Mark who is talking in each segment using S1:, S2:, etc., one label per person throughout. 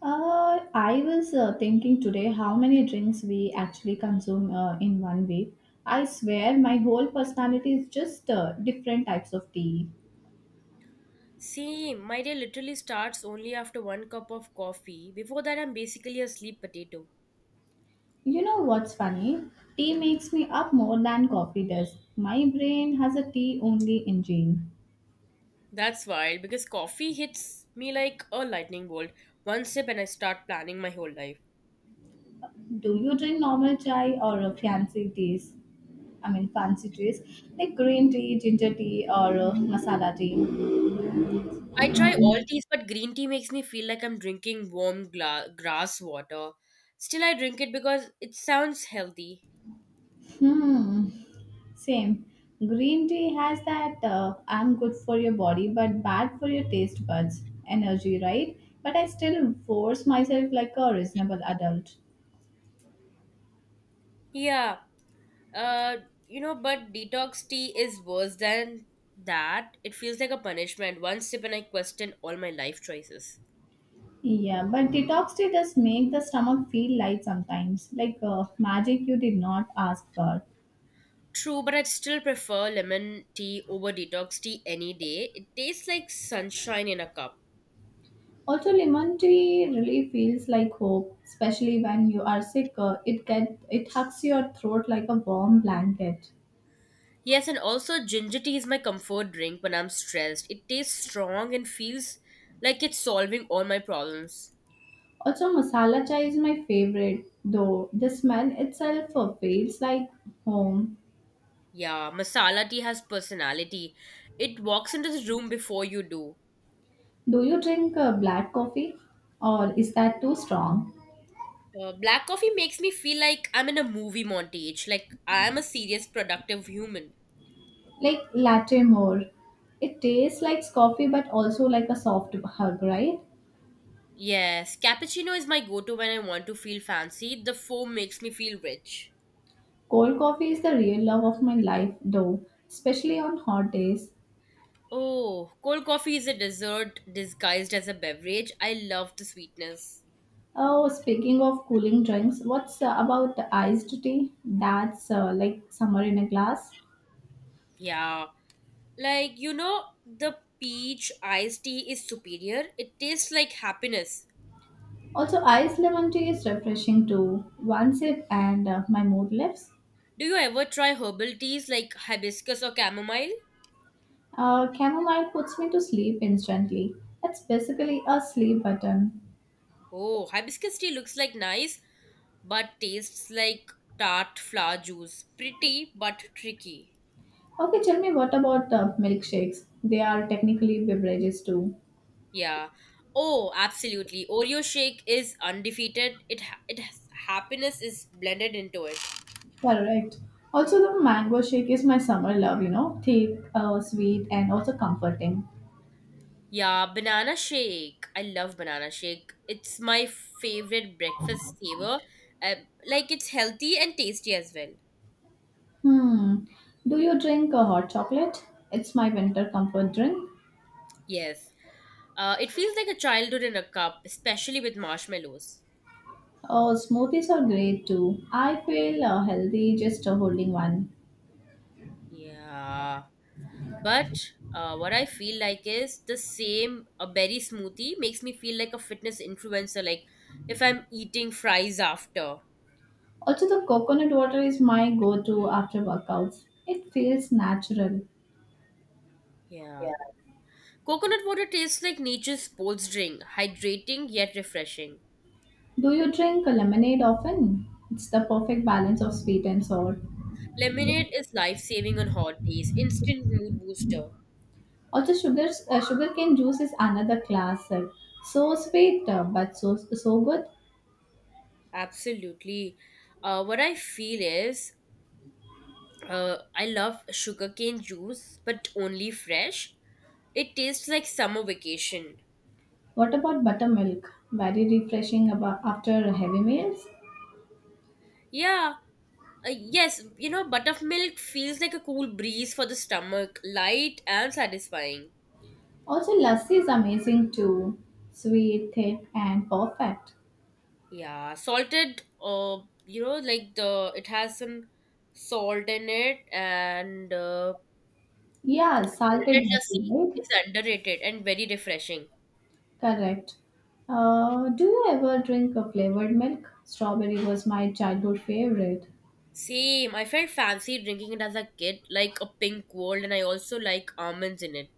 S1: I was thinking today how many drinks we actually consume in one week. I swear my whole personality is just different types of tea.
S2: See, my day literally starts only after one cup of coffee. Before that, I'm basically a sleep potato.
S1: You know what's funny? Tea makes me up more than coffee does. My brain has a tea only engine.
S2: That's wild because coffee hits me like a lightning bolt. One sip and I start planning my whole life.
S1: Do you drink normal chai or fancy teas? I mean, fancy teas like green tea, ginger tea, or masala tea.
S2: I try all teas, but green tea makes me feel like I'm drinking warm grass water. Still, I drink it because it sounds healthy.
S1: Hmm. Same. Green tea has that I'm good for your body but bad for your taste buds energy, right? But I still force myself like a reasonable adult.
S2: Yeah, uh, but detox tea is worse than that. It feels like a punishment. One sip and I question all my life choices.
S1: Yeah, but detox tea does make the stomach feel light sometimes, like magic you did not ask for.
S2: True, but I'd still prefer lemon tea over detox tea any day. It tastes like sunshine in a cup.
S1: Also, lemon tea really feels like hope, especially when you are sick. It hugs your throat like a warm blanket.
S2: Yes, and also ginger tea is my comfort drink when I'm stressed. It tastes strong and feels like it's solving all my problems.
S1: Also, masala chai is my favorite, though the smell itself feels like home.
S2: Yeah, masala tea has personality. It walks into the room before you do.
S1: Do you drink black coffee, or is that too strong?
S2: Black coffee makes me feel like I'm in a movie montage, like I'm a serious, productive human.
S1: Like latte more. It tastes like coffee, but also like a soft hug, right?
S2: Yes, cappuccino is my go to when I want to feel fancy. The foam makes me feel rich.
S1: Cold coffee is the real love of my life, though, especially on hot days.
S2: Oh, cold coffee is a dessert disguised as a beverage. I love the sweetness.
S1: Oh, speaking of cooling drinks, what's about iced tea? That's like summer in a glass.
S2: Yeah. Like, you know, the peach iced tea is superior. It tastes like happiness.
S1: Also, iced lemon tea is refreshing too. One sip and my mood lifts.
S2: Do you ever try herbal teas like hibiscus or chamomile?
S1: Chamomile puts me to sleep instantly. It's basically a sleep button.
S2: Oh, hibiscus tea looks like nice, but tastes like tart flower juice. Pretty, but tricky.
S1: Okay, tell me what about milkshakes? They are technically beverages too.
S2: Yeah. Oh, absolutely. Oreo shake is undefeated. It, ha- it has, happiness is blended into it.
S1: Correct. Also, the mango shake is my summer love, you know, thick, sweet, and also comforting.
S2: Yeah, banana shake. I love banana shake. It's my favorite breakfast flavor. Uh, like it's healthy and tasty as well.
S1: Hmm. Do you drink a hot chocolate? It's my winter comfort drink.
S2: Yes. It feels like a childhood in a cup, especially with marshmallows.
S1: Oh, smoothies are great too. I feel healthy just holding one.
S2: Yeah. But what I feel like is the same, a berry smoothie makes me feel like a fitness influencer, like if I'm eating fries after.
S1: Also, the coconut water is my go to after workouts. It feels natural.
S2: Yeah.
S1: Yeah.
S2: Coconut water tastes like nature's sports drink, hydrating yet refreshing.
S1: Do you drink a lemonade often? It's the perfect balance of sweet and sour.
S2: Lemonade is life saving on hot days, instant mood booster.
S1: Also, sugarcane juice is another classic. So sweet, but so good.
S2: Absolutely. What I feel is I love sugarcane juice, but only fresh. It tastes like summer vacation.
S1: What about buttermilk? Very refreshing after heavy meals.
S2: Yeah, yes, you know, buttermilk feels like a cool breeze for the stomach, light and satisfying.
S1: Also, lassi is amazing too. Sweet, thick, and perfect.
S2: Yeah, you know, like the it has some salt in it and
S1: Yeah, salted
S2: Salted
S1: lassi,
S2: lassi
S1: right?
S2: is underrated and very refreshing.
S1: Correct. Do you ever drink a flavored milk? Strawberry was my childhood favorite.
S2: Same. I felt fancy drinking it as a kid, like a pink world, and I also like almonds in it.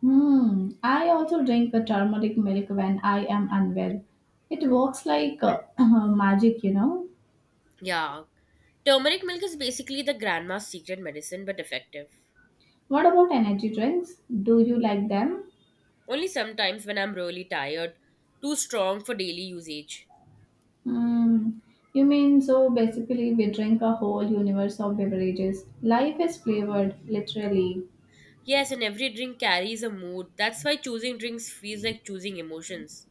S1: Hmm. I also drink a turmeric milk when I am unwell. It works like magic, you know.
S2: Yeah. Turmeric milk is basically the grandma's secret medicine, but effective.
S1: What about energy drinks? Do you like them?
S2: Only sometimes when I'm really tired, too strong for daily usage.
S1: Hmm. You mean so basically we drink a whole universe of beverages. Life is flavored, literally.
S2: Yes, and every drink carries a mood. That's why choosing drinks feels like choosing emotions.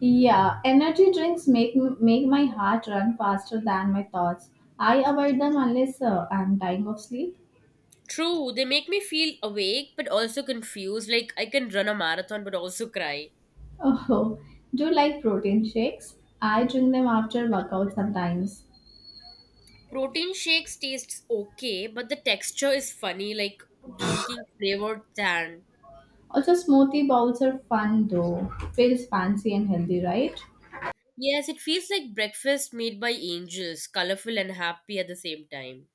S1: Yeah, energy drinks make my heart run faster than my thoughts. I avoid them unless I'm dying of sleep.
S2: True, they make me feel awake but also confused, like I can run a marathon but also cry.
S1: Oh, do you like protein shakes? I drink them after workout sometimes.
S2: Protein shakes tastes okay, but the texture is funny, like drinking flavored tan.
S1: Also, smoothie bowls are fun though. Feels fancy and healthy, right?
S2: Yes, it feels like breakfast made by angels, colorful and happy at the same time.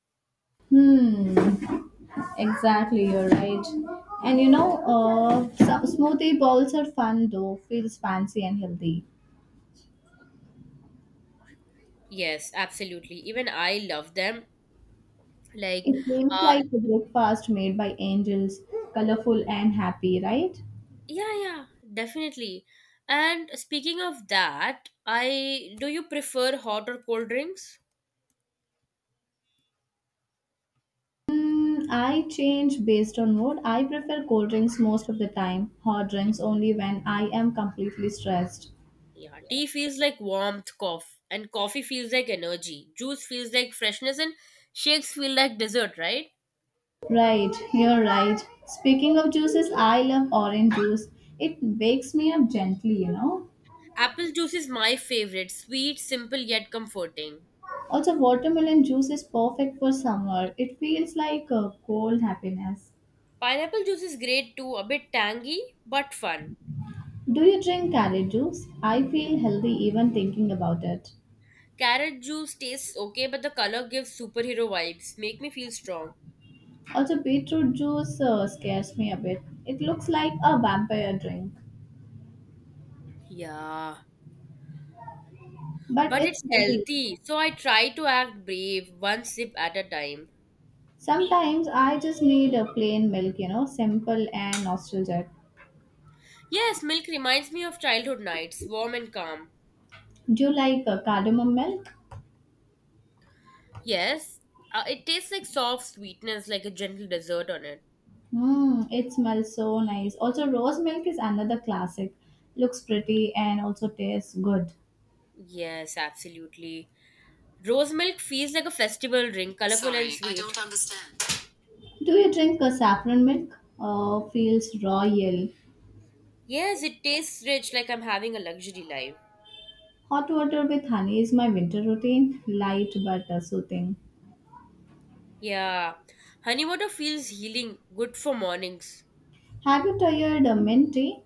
S1: Hmm, exactly, you're right. And you know, some smoothie bowls are fun though. Feels fancy and healthy.
S2: Yes, absolutely. Even I love them. Like,
S1: It feels
S2: uh,
S1: like a breakfast made by angels, colorful and happy, right?
S2: yeah, yeah, definitely. And speaking of that, I do you prefer hot or cold drinks?
S1: Mm, I change based on mood. I prefer cold drinks most of the time, hot drinks only when I am completely stressed.
S2: Yeah, tea feels like warmth, cough, and coffee feels like energy. Juice feels like freshness, and shakes feel like dessert, right?
S1: Right, you're right. Speaking of juices, I love orange juice. It wakes me up gently, you know.
S2: Apple juice is my favorite, sweet, simple, yet comforting.
S1: Also, watermelon juice is perfect for summer. It feels like a cold happiness.
S2: Pineapple juice is great too, a bit tangy but fun.
S1: Do you drink carrot juice? I feel healthy even thinking about it.
S2: Carrot juice tastes okay, but the color gives superhero vibes, make me feel strong.
S1: Also, beetroot juice scares me a bit. It looks like a vampire drink,
S2: Yeah,
S1: but
S2: but
S1: it's
S2: it's
S1: healthy.
S2: healthy, so I try to act brave, one sip at a time.
S1: Sometimes I just need a plain milk, you know, simple and nostalgic.
S2: Yes, milk reminds me of childhood nights, warm and calm.
S1: Do you like cardamom milk?
S2: Yes, it tastes like soft sweetness, like a gentle dessert on it.
S1: Mmm, it smells so nice. Also, rose milk is another classic. Looks pretty and also tastes good.
S2: Yes, absolutely. Rose milk feels like a festival drink, colorful and Sorry, I sweet. Don't understand.
S1: Do you drink a saffron milk? Feels royal.
S2: Yes, it tastes rich, like I'm having a luxury life.
S1: Hot water with honey is my winter routine. Light but soothing.
S2: Yeah. Honey water feels healing, good for mornings.
S1: Have you tried a mint tea?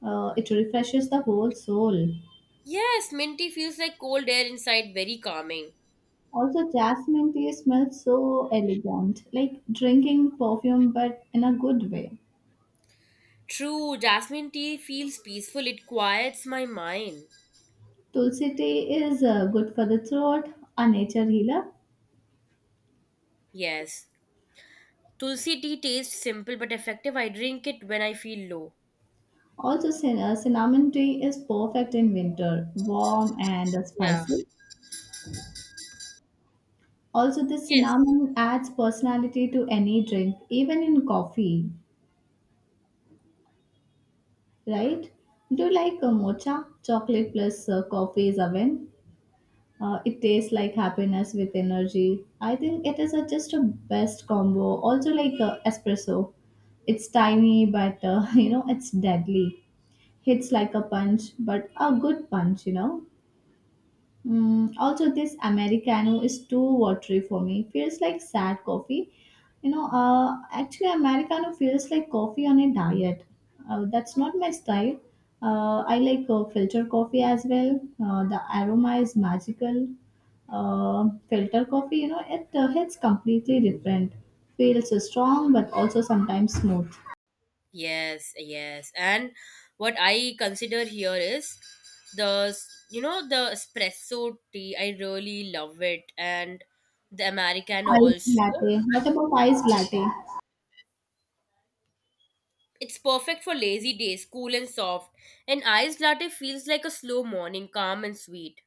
S1: It refreshes the whole soul.
S2: Yes, mint tea feels like cold air inside, very calming.
S1: Also, jasmine tea smells so elegant, like drinking perfume but in a good way.
S2: True, jasmine tea feels peaceful, it quiets my mind.
S1: Tulsi tea is good for the throat, a nature healer.
S2: Yes. Tulsi tea tastes simple but effective. I drink it when I feel low.
S1: Also, cinnamon tea is perfect in winter, warm and
S2: Yeah.
S1: spicy. Also, the
S2: Yes.
S1: cinnamon adds personality to any drink, even in coffee, right? Do you like mocha? Chocolate plus coffee is a win. It tastes like happiness with energy. I think it is a, just a best combo. Also, like espresso, it's tiny but you know it's deadly. Hits like a punch, but a good punch. You know. Mm, also, this Americano is too watery for me. Feels like sad coffee. You know, actually, Americano feels like coffee on a diet. That's not my style. I like filter coffee as well. The aroma is magical. Filter coffee, you know, it hits completely different. Feels strong but also sometimes smooth.
S2: Yes, yes. And what I consider here is you know, the espresso tea. I really love it. And the Americano
S1: Iced
S2: also.
S1: latte. What about iced latte?
S2: It's perfect for lazy days, cool and soft. An iced latte feels like a slow morning, calm and sweet.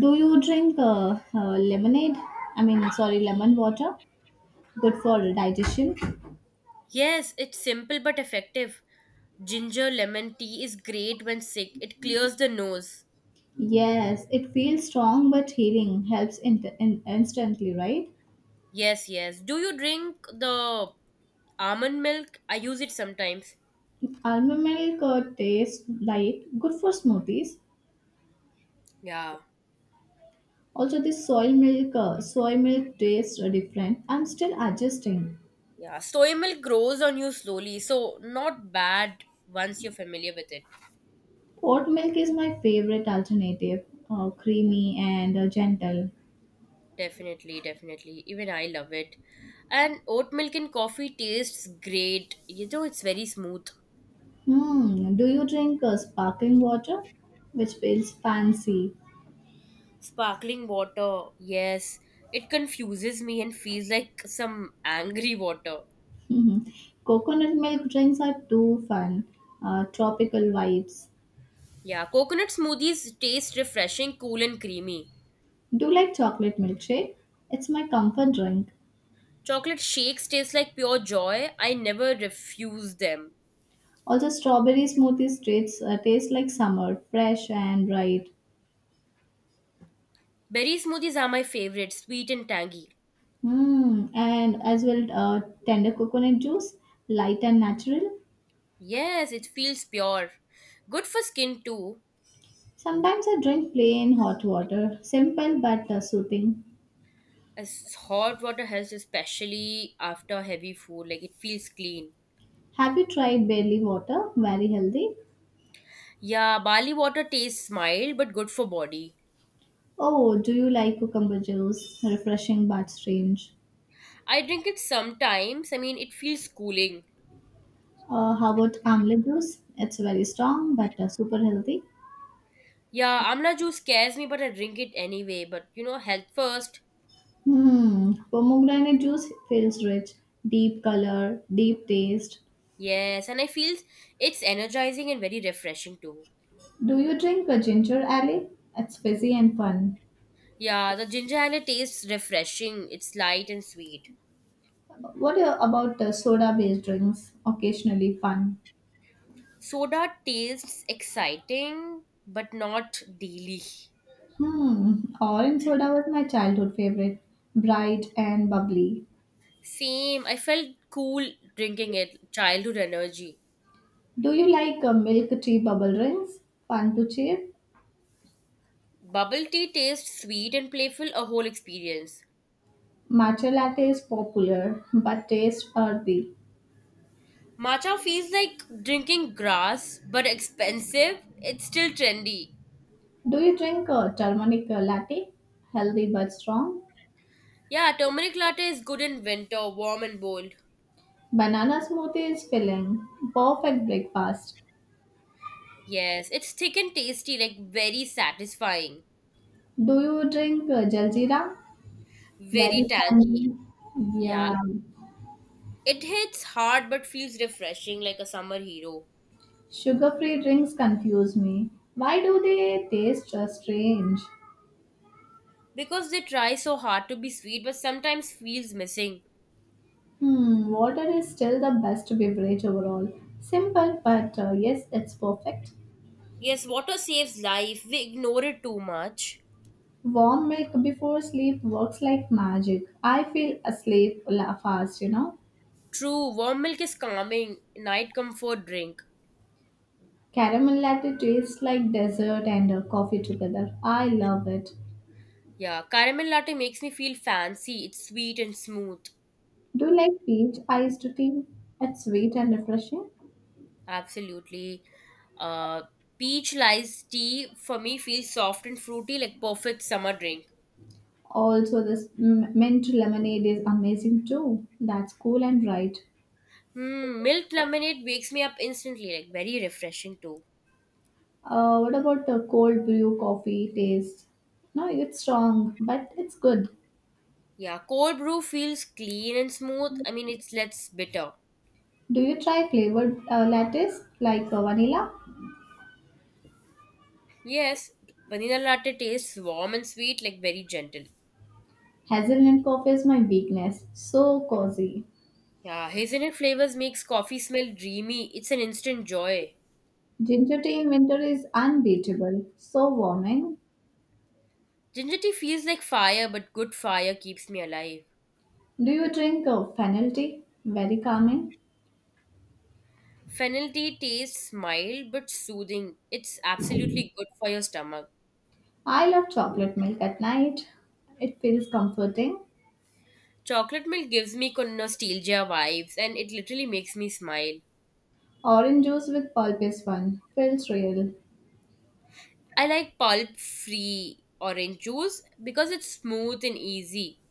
S1: Do you drink lemonade? I mean, sorry, lemon water? Good for digestion.
S2: Yes, it's simple but effective. Ginger lemon tea is great when sick. It clears the nose.
S1: Yes, it feels strong but healing. Helps instantly, right?
S2: Yes, yes. Do you drink the almond milk? I use it sometimes.
S1: Almond milk tastes light. Good for smoothies.
S2: Yeah.
S1: Also, this soy milk tastes are different. I'm still adjusting.
S2: Yeah, soy milk grows on you slowly, so not bad once you're familiar with it.
S1: Oat milk is my favorite alternative. Creamy and gentle.
S2: Definitely, definitely. Even I love it. And oat milk in coffee tastes great. You know, it's very smooth.
S1: Hmm. Do you drink sparkling water, which feels fancy?
S2: Sparkling water, yes. It confuses me and feels like some angry water.
S1: Coconut milk drinks are too fun. Tropical vibes.
S2: Yeah, coconut smoothies taste refreshing, cool, and creamy.
S1: Do like chocolate milkshake? It's my comfort drink.
S2: Chocolate shakes taste like pure joy. I never refuse them.
S1: Also, strawberry smoothies taste like summer, fresh and bright.
S2: Berry smoothies are my favorite, sweet and tangy.
S1: Mm, and as well, tender coconut juice, light and natural.
S2: Yes, it feels pure. Good for skin too.
S1: Sometimes I drink plain hot water, simple but soothing.
S2: As hot water helps especially after heavy food, like it feels clean.
S1: Have you tried barley water? Very healthy.
S2: Yeah, barley water tastes mild but good for body.
S1: Oh, do you like cucumber juice? Refreshing but strange.
S2: I drink it sometimes. I mean, it feels cooling.
S1: How about amla juice? It's very strong but super healthy.
S2: Yeah, amla juice scares me, but I drink it anyway. But you know, health first.
S1: Hmm, pomegranate juice feels rich, deep color, deep taste.
S2: Yes, and I feel it's energizing and very refreshing too.
S1: Do you drink a ginger ale? It's fizzy and fun.
S2: Yeah, the ginger ale tastes refreshing. It's light and sweet.
S1: What about the soda-based drinks? Occasionally fun.
S2: Soda tastes exciting, but not daily.
S1: Hmm, orange soda was my childhood favorite, bright and bubbly.
S2: Same, I felt cool drinking it, childhood energy.
S1: Do you like milk tea bubble drinks? Fun to cheer.
S2: Bubble tea tastes sweet and playful, a whole experience.
S1: Matcha latte is popular but tastes earthy.
S2: Matcha feels like drinking grass, but expensive, it's still trendy.
S1: Do you drink a turmeric latte? Healthy but strong.
S2: Yeah, turmeric latte is good in winter, warm and bold.
S1: Banana smoothie is filling. Perfect breakfast.
S2: Yes, it's thick and tasty, like very satisfying,
S1: Do you drink Jaljeera?
S2: very
S1: Very
S2: tangy.
S1: sandy.
S2: Yeah,
S1: Yeah.
S2: it hits hard but feels refreshing like a summer hero.
S1: Sugar-free drinks confuse me. Why do they taste just strange?
S2: Because they try so hard to be sweet but sometimes feels missing.
S1: Hmm, water is still the best beverage overall. Simple, but yes, it's perfect.
S2: Yes, water saves life. We ignore it too much.
S1: Warm milk before sleep works like magic. I feel asleep fast, you know.
S2: True, warm milk is calming, night comfort drink.
S1: Caramel latte tastes like dessert and coffee together. I love it.
S2: Yeah, caramel latte makes me feel fancy. It's sweet and smooth.
S1: Do you like peach iced tea? It's sweet and refreshing.
S2: Absolutely. Uh, Peach lice tea for me feels soft and fruity like perfect summer drink.
S1: Also, this mint lemonade is amazing too. That's cool and right.
S2: Hmm, milk lemonade wakes me up instantly, like very refreshing too.
S1: What about the cold brew coffee taste? No, it's strong, but it's good.
S2: Yeah, cold brew feels clean and smooth. I mean, it's less bitter.
S1: Do you try flavored lattes like vanilla?
S2: Yes, vanilla latte tastes warm and sweet, like very gentle.
S1: Hazelnut coffee is my weakness. So cozy.
S2: Yeah, hazelnut flavors makes coffee smell dreamy. It's an instant joy.
S1: Ginger tea in winter is unbeatable. So warming.
S2: Ginger tea feels like fire, but good fire keeps me alive.
S1: Do you drink fennel tea? Very calming.
S2: Fennel tea tastes mild but soothing. It's absolutely good for your stomach.
S1: I love chocolate milk at night. It feels comforting.
S2: Chocolate milk gives me nostalgia vibes and it literally makes me smile.
S1: Orange juice with pulp is fun. Feels real.
S2: I like pulp free orange juice because it's smooth and easy.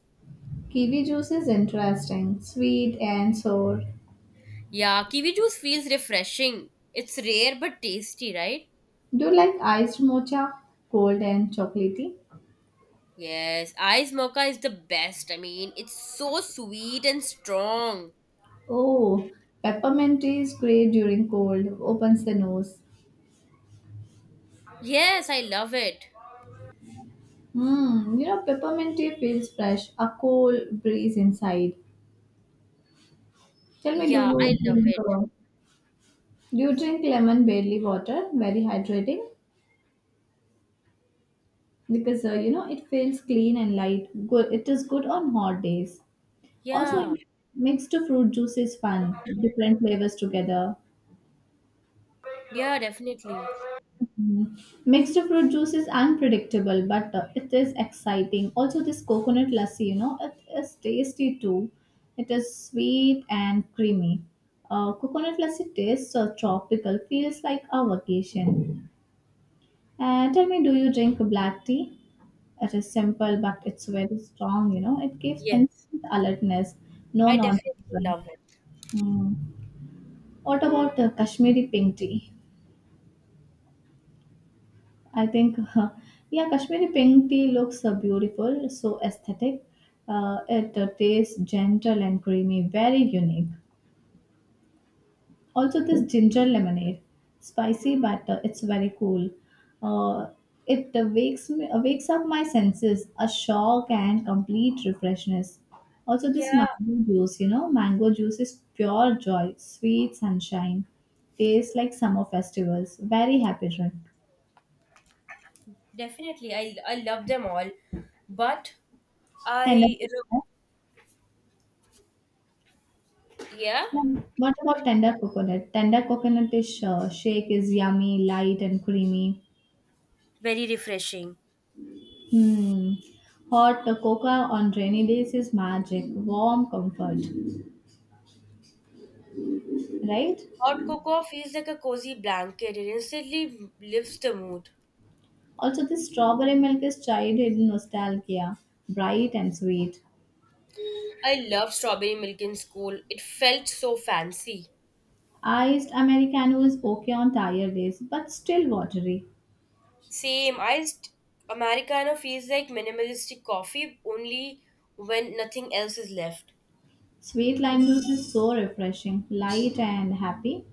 S1: Kiwi juice is interesting, sweet and sour.
S2: Yeah, kiwi juice feels refreshing. It's rare but tasty, right?
S1: Do you like iced mocha? Cold and chocolatey?
S2: Yes, ice mocha is the best. I mean, it's so sweet and strong.
S1: Oh, peppermint tea is great during cold. Opens the nose.
S2: Yes, I love it.
S1: Mmm, you know, peppermint tea feels fresh. A cool breeze inside. Tell me, do
S2: Yeah,
S1: you
S2: I love
S1: drink,
S2: it.
S1: uh, do you drink lemon barley water? Very hydrating. Because you know it feels clean and light. Good, it is good on hot days. Also,
S2: Yeah,
S1: mixed fruit juice is fun. Different flavors together.
S2: yeah, definitely.
S1: Mhm. Mixed fruit juice is unpredictable, but it is exciting. Also, this coconut lassi, you know, it is tasty too. It is sweet and creamy. Coconut lassi tastes tropical, feels like a vacation. And tell me, do you drink black tea? It is simple, but it's very strong. You know, it gives
S2: Yes,
S1: instant alertness, no
S2: I
S1: nonsense.
S2: definitely
S1: Right?
S2: love it.
S1: Hmm. What about the Kashmiri pink tea? I think, yeah, Kashmiri pink tea looks beautiful, so aesthetic. It tastes gentle and creamy, very unique. Also, this ginger lemonade, spicy batter, it's very cool. Uh, it wakes up my senses, a shock and complete refreshness. Also, this
S2: Yeah,
S1: mango juice, you know, mango juice is pure joy, sweet sunshine, tastes like summer festivals. Very happy drink.
S2: definitely. I love them all. But
S1: Tender
S2: I,
S1: coconut.
S2: yeah,
S1: Yeah. What about tender coconut? Tender coconut is shake is yummy, light and creamy.
S2: very refreshing.
S1: Hmm. Hot cocoa on rainy days is magic, warm comfort, right?
S2: Hot cocoa feels like a cozy blanket. It instantly lifts the mood.
S1: Also, this strawberry milk is childhood nostalgia, bright and sweet.
S2: I loved strawberry milk in school. It felt so fancy.
S1: Iced Americano is okay on tired days, but still watery.
S2: Same, iced Americano feels like minimalistic coffee only when nothing else is left.
S1: Sweet lime juice is so refreshing, light and happy.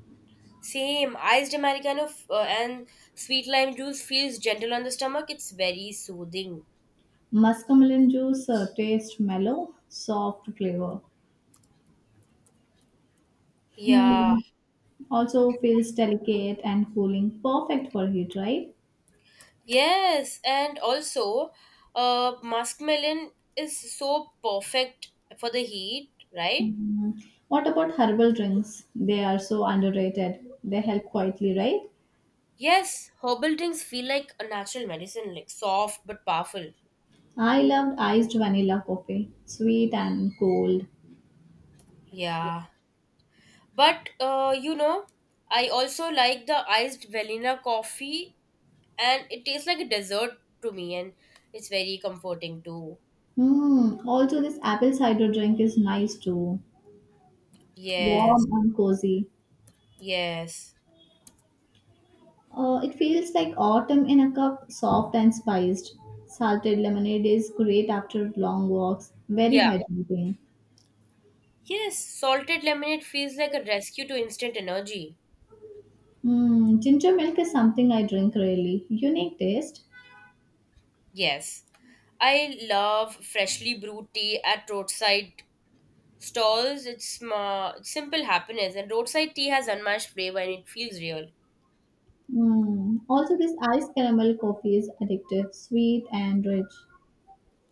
S2: Same, iced Americano f- and Sweet lime juice feels gentle on the stomach. It's very soothing.
S1: Muscamelon juice tastes mellow, soft flavor.
S2: Yeah.
S1: Hmm. Also feels delicate and cooling, perfect for heat, right?
S2: Yes, and also, muskmelon is so perfect for the heat, right?
S1: Mhm. What about herbal drinks? They are so underrated. They help quietly, right?
S2: Yes, herbal drinks feel like a natural medicine, like soft but powerful.
S1: I loved iced vanilla coffee, sweet and cold.
S2: Yeah, but you know, I also like the iced vanilla coffee, and it tastes like a dessert to me, and it's very comforting too.
S1: Hmm. Also, this apple cider drink is nice too,
S2: Yes,
S1: warm and cozy.
S2: yes,
S1: It feels like autumn in a cup, soft and spiced. Salted lemonade is great after long walks, very
S2: yeah,
S1: hydrating.
S2: yes. Salted lemonade feels like a rescue to instant energy.
S1: Hmm. Ginger milk is something I drink rarely. Unique taste.
S2: Yes, I love freshly brewed tea at roadside stalls. It's simple happiness, and roadside tea has unmatched flavor, and it feels real.
S1: Mm. Also, this iced caramel coffee is addictive, sweet and rich.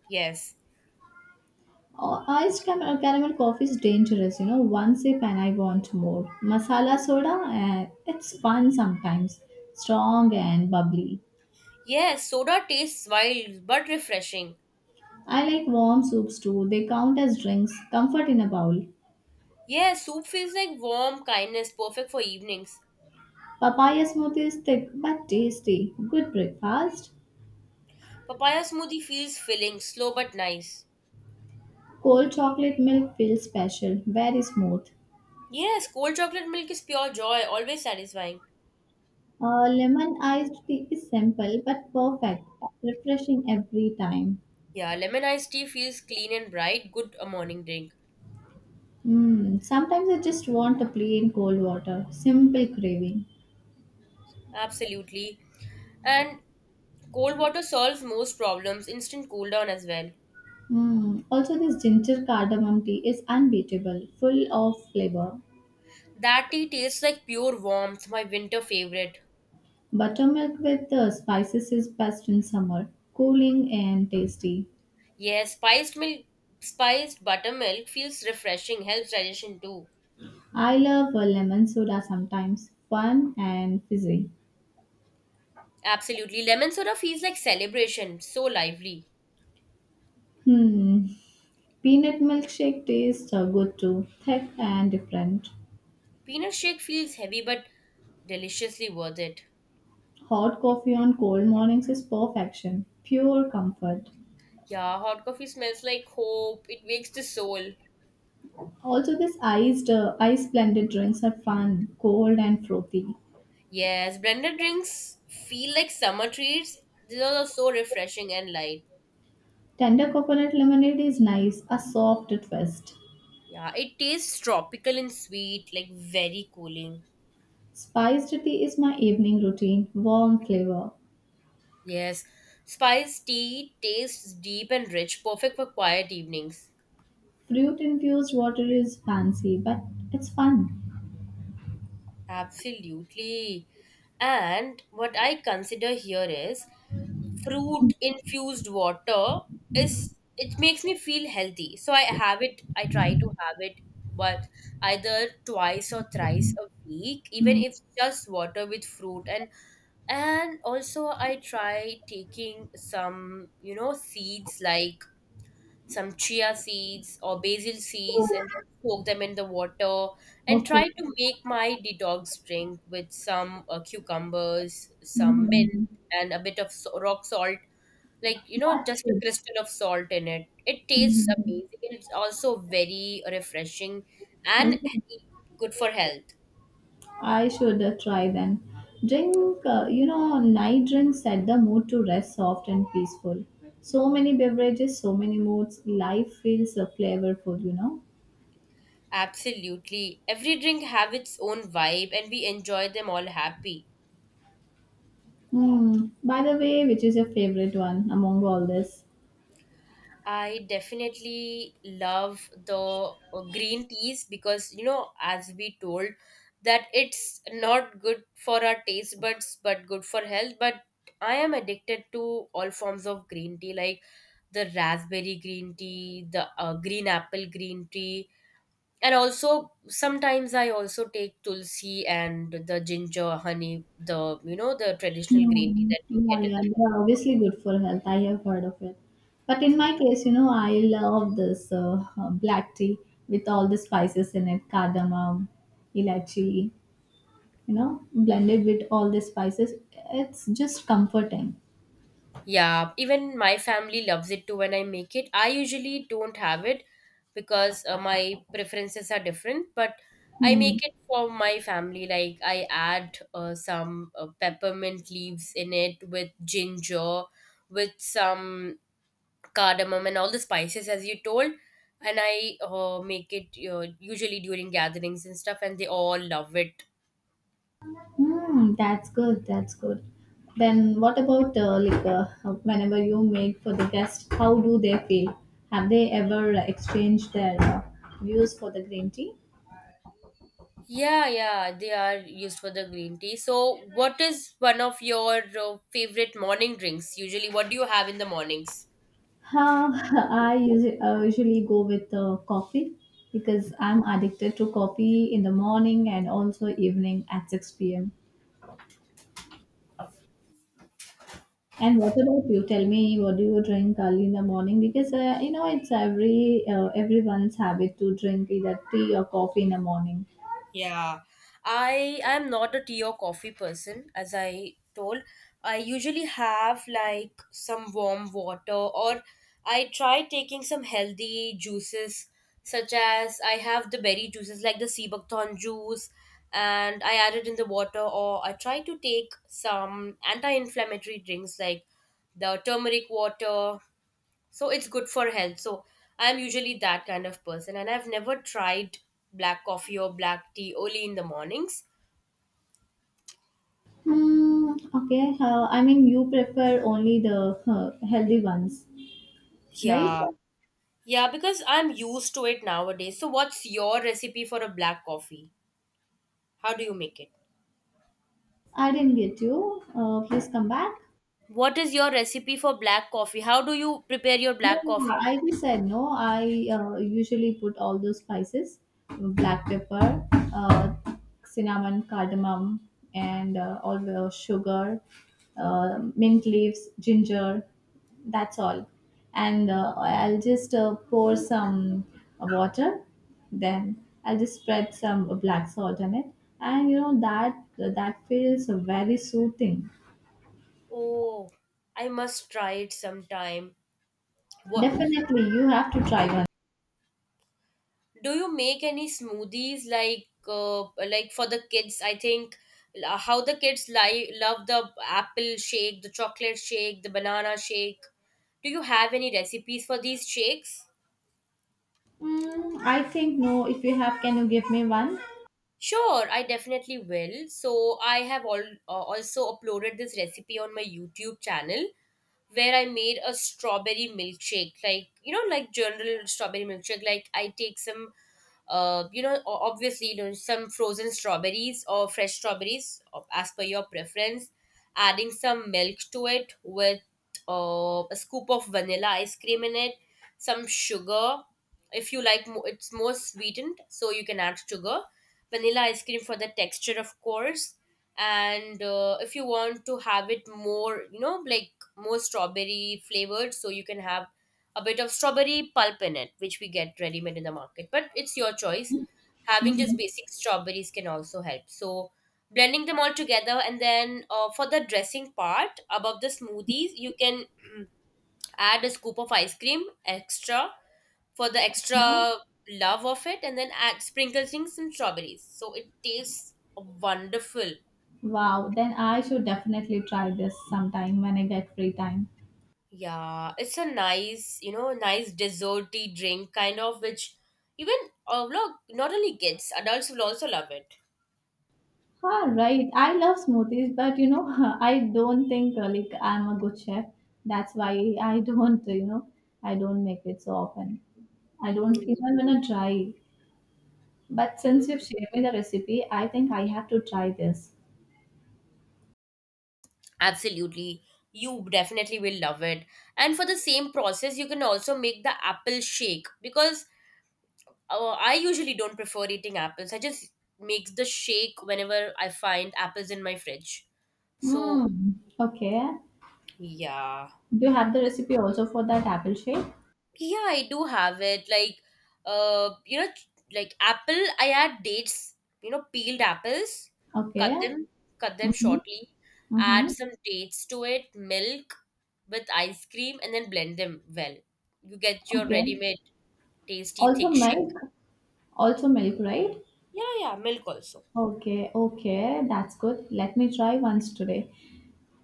S2: Yes.
S1: Oh, iced caramel, caramel coffee is dangerous, you know. One sip and I want more. Masala soda, it's fun sometimes, strong and bubbly.
S2: Yes, soda tastes wild but refreshing.
S1: I like warm soups too, they count as drinks, comfort in a bowl.
S2: Yes, soup feels like warm kindness, perfect for evenings.
S1: Papaya smoothie is thick but tasty, good breakfast.
S2: Papaya smoothie feels filling, slow but nice.
S1: Cold chocolate milk feels special, very smooth.
S2: Yes, cold chocolate milk is pure joy, always satisfying.
S1: Lemon iced tea is simple but perfect, refreshing every time.
S2: Yeah, lemon iced tea feels clean and bright, good a morning drink.
S1: Mm, sometimes I just want a plain cold water, simple craving.
S2: Absolutely. And cold water solves most problems, instant cool down as well.
S1: Mm, also, this ginger cardamom tea is unbeatable, full of flavor.
S2: That tea tastes like pure warmth, my winter favorite.
S1: Buttermilk with the spices is best in summer, cooling and tasty.
S2: Yes, spiced buttermilk feels refreshing, helps digestion too.
S1: I love a lemon soda sometimes, fun and fizzy.
S2: Absolutely. Lemon soda feels like celebration, so lively.
S1: Hmm, peanut milkshake tastes good too, thick and different.
S2: Peanut shake feels heavy but deliciously worth it.
S1: Hot coffee on cold mornings is perfection, pure comfort.
S2: Yeah, hot coffee smells like hope. It wakes the soul.
S1: Also, these ice blended drinks are fun, cold and frothy.
S2: Yes, blended drinks feel like summer treats. These are so refreshing and light.
S1: Tender coconut lemonade is nice, a soft twist.
S2: Yeah, it tastes tropical and sweet, like very cooling.
S1: Spiced tea is my evening routine, warm flavor.
S2: Yes, spice tea tastes deep and rich, perfect for quiet evenings.
S1: Fruit infused water is fancy, but it's fun.
S2: Absolutely. And what I consider here is fruit infused water is it makes me feel healthy. So I have it, I try to have it but either twice or thrice a week, even
S1: Mm.
S2: if just water with fruit and also I try taking some, you know, seeds like some chia seeds or basil seeds and then soak them in the water and
S1: Okay.
S2: try to make my detox drink with some cucumbers, some mint,
S1: Mhm.
S2: and a bit of rock salt. Like, you know,
S1: That's
S2: just a
S1: good.
S2: crystal of salt in it. It tastes
S1: Mhm.
S2: amazing, and it's also very refreshing
S1: Is
S2: and
S1: it?
S2: good for health.
S1: I should try then. Drink, night drinks set the mood to rest soft and peaceful. So many beverages, so many moods. Life feels flavorful,
S2: Absolutely. Every drink have its own vibe and we enjoy them all happy.
S1: Hmm. By the way, which is your favorite one among all this?
S2: I definitely love the green teas because, you know, as we told, that it's not good for our taste buds but good for health. But I am addicted to all forms of green tea, like the raspberry green tea, the green apple green tea, and also sometimes I also take tulsi and the ginger honey, the you know the traditional green tea
S1: Hmm.
S2: that we
S1: Yeah,
S2: get in
S1: yeah,
S2: the
S1: they
S2: market.
S1: are obviously good for health. I have heard of it. But in my case, you know, I love this black tea with all the spices in it, cardamom, ilachi, you know, blended with all the spices. It's just comforting.
S2: Yeah, even my family loves it too when I make it. I usually don't have it because my preferences are different, but I
S1: Hmm.
S2: make it for my family. Like I add some peppermint leaves in it with ginger, with some cardamom and all the spices as you told. And I make it usually during gatherings and stuff, and they all love it.
S1: Hmm. That's good. That's good. Then what about whenever you make for the guests? How do they feel? Have they ever exchanged their views for the green tea?
S2: Yeah, yeah, they are used for the green tea. So, what is one of your favorite morning drinks? Usually, what do you have in the mornings?
S1: Uh, I usually, go with coffee because I'm addicted to coffee in the morning and also evening at 6 p.m. And what about you? Tell me, what do you drink early in the morning? Because you know it's everyone's habit to drink either tea or coffee in the morning.
S2: Yeah, I am not a tea or coffee person, as I told. I usually have like some warm water, or I try taking some healthy juices, such as I have the berry juices like the sea buckthorn juice, and I add it in the water, or I try to take some anti-inflammatory drinks like the turmeric water, so it's good for health. So I'm usually that kind of person, and I've never tried black coffee or black tea only in the mornings.
S1: Hmm. Okay. I mean, you prefer only the healthy ones, right?
S2: Yeah, yeah, because I'm used to it nowadays. So what's your recipe for a black coffee? How do you make it?
S1: I didn't get you. Please come back.
S2: What is your recipe for black coffee? How do you prepare your black
S1: Yeah,
S2: coffee?
S1: I just said no. I usually put all those spices, black pepper, cinnamon, cardamom, and all the sugar, mint leaves, ginger. That's all. And I'll just pour some water. Then I'll just spread some black salt on it, and you know that feels very soothing.
S2: Oh, I must try it sometime. What,
S1: Definitely, you have to try one.
S2: do you make any smoothies, like for the kids? I think how the kids love the apple shake, the chocolate shake, the banana shake. Do you have any recipes for these shakes?
S1: Mm, I think no. If you have, can you give me one?
S2: Sure, I definitely will. So I have all, also uploaded this recipe on my YouTube channel, where I made a strawberry milkshake, like you know, like general strawberry milkshake. Like I take some, you know, obviously you know some frozen strawberries or fresh strawberries as per your preference, adding some milk to it with a scoop of vanilla ice cream in it, some sugar. If you like, it's more sweetened, so you can add sugar, vanilla ice cream for the texture, of course, and if you want to have it more, you know, like more strawberry flavored, so you can have a bit of strawberry pulp in it, which we get ready made in the market, but it's your choice. Having just
S1: Hmm.
S2: basic strawberries can also help, so blending them all together and then for the dressing part above the smoothies you can add a scoop of ice cream extra, for the
S1: No?
S2: extra love of it, and then add sprinkle things, some strawberries, so it tastes wonderful.
S1: Wow, then I should definitely try this sometime when I get free time.
S2: Yeah, it's a nice, you know, nice desserty drink kind of which even look, not only kids, adults will also love it.
S1: Ah, right. I love smoothies, but you know, I don't think I'm a good chef. That's why I don't, you know, I don't make it so often. I don't
S2: Mm,
S1: even wanna try. But since you've shared me the recipe, I think I have to try this.
S2: absolutely. You definitely will love it. And for the same process, you can also make the apple shake because I usually don't prefer eating apples. I just make the shake whenever I find apples in my fridge. So,
S1: Hmm. Okay.
S2: yeah.
S1: Do you have the recipe also for that apple shape?
S2: Yeah, I do have it. Like, you know, like apple. I add dates. You know, peeled apples. Cut
S1: Okay.
S2: them, cut them
S1: Mm-hmm.
S2: shortly. Add
S1: Mhm.
S2: some dates to it, milk with ice cream, and then blend them well. You get your
S1: Okay.
S2: ready-made tasty
S1: Also
S2: thick shake.
S1: milk? Also milk, right?
S2: Yeah, yeah, milk also.
S1: Okay, okay, that's good. Let me try once today.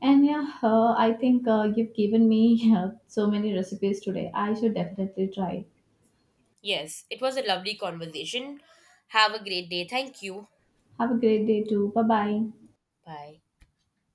S1: And yeah, I think you've given me so many recipes today. I should definitely try.
S2: Yes, it was a lovely conversation. Have a great day. Thank you.
S1: Have a great day too. Bye bye.
S2: Bye.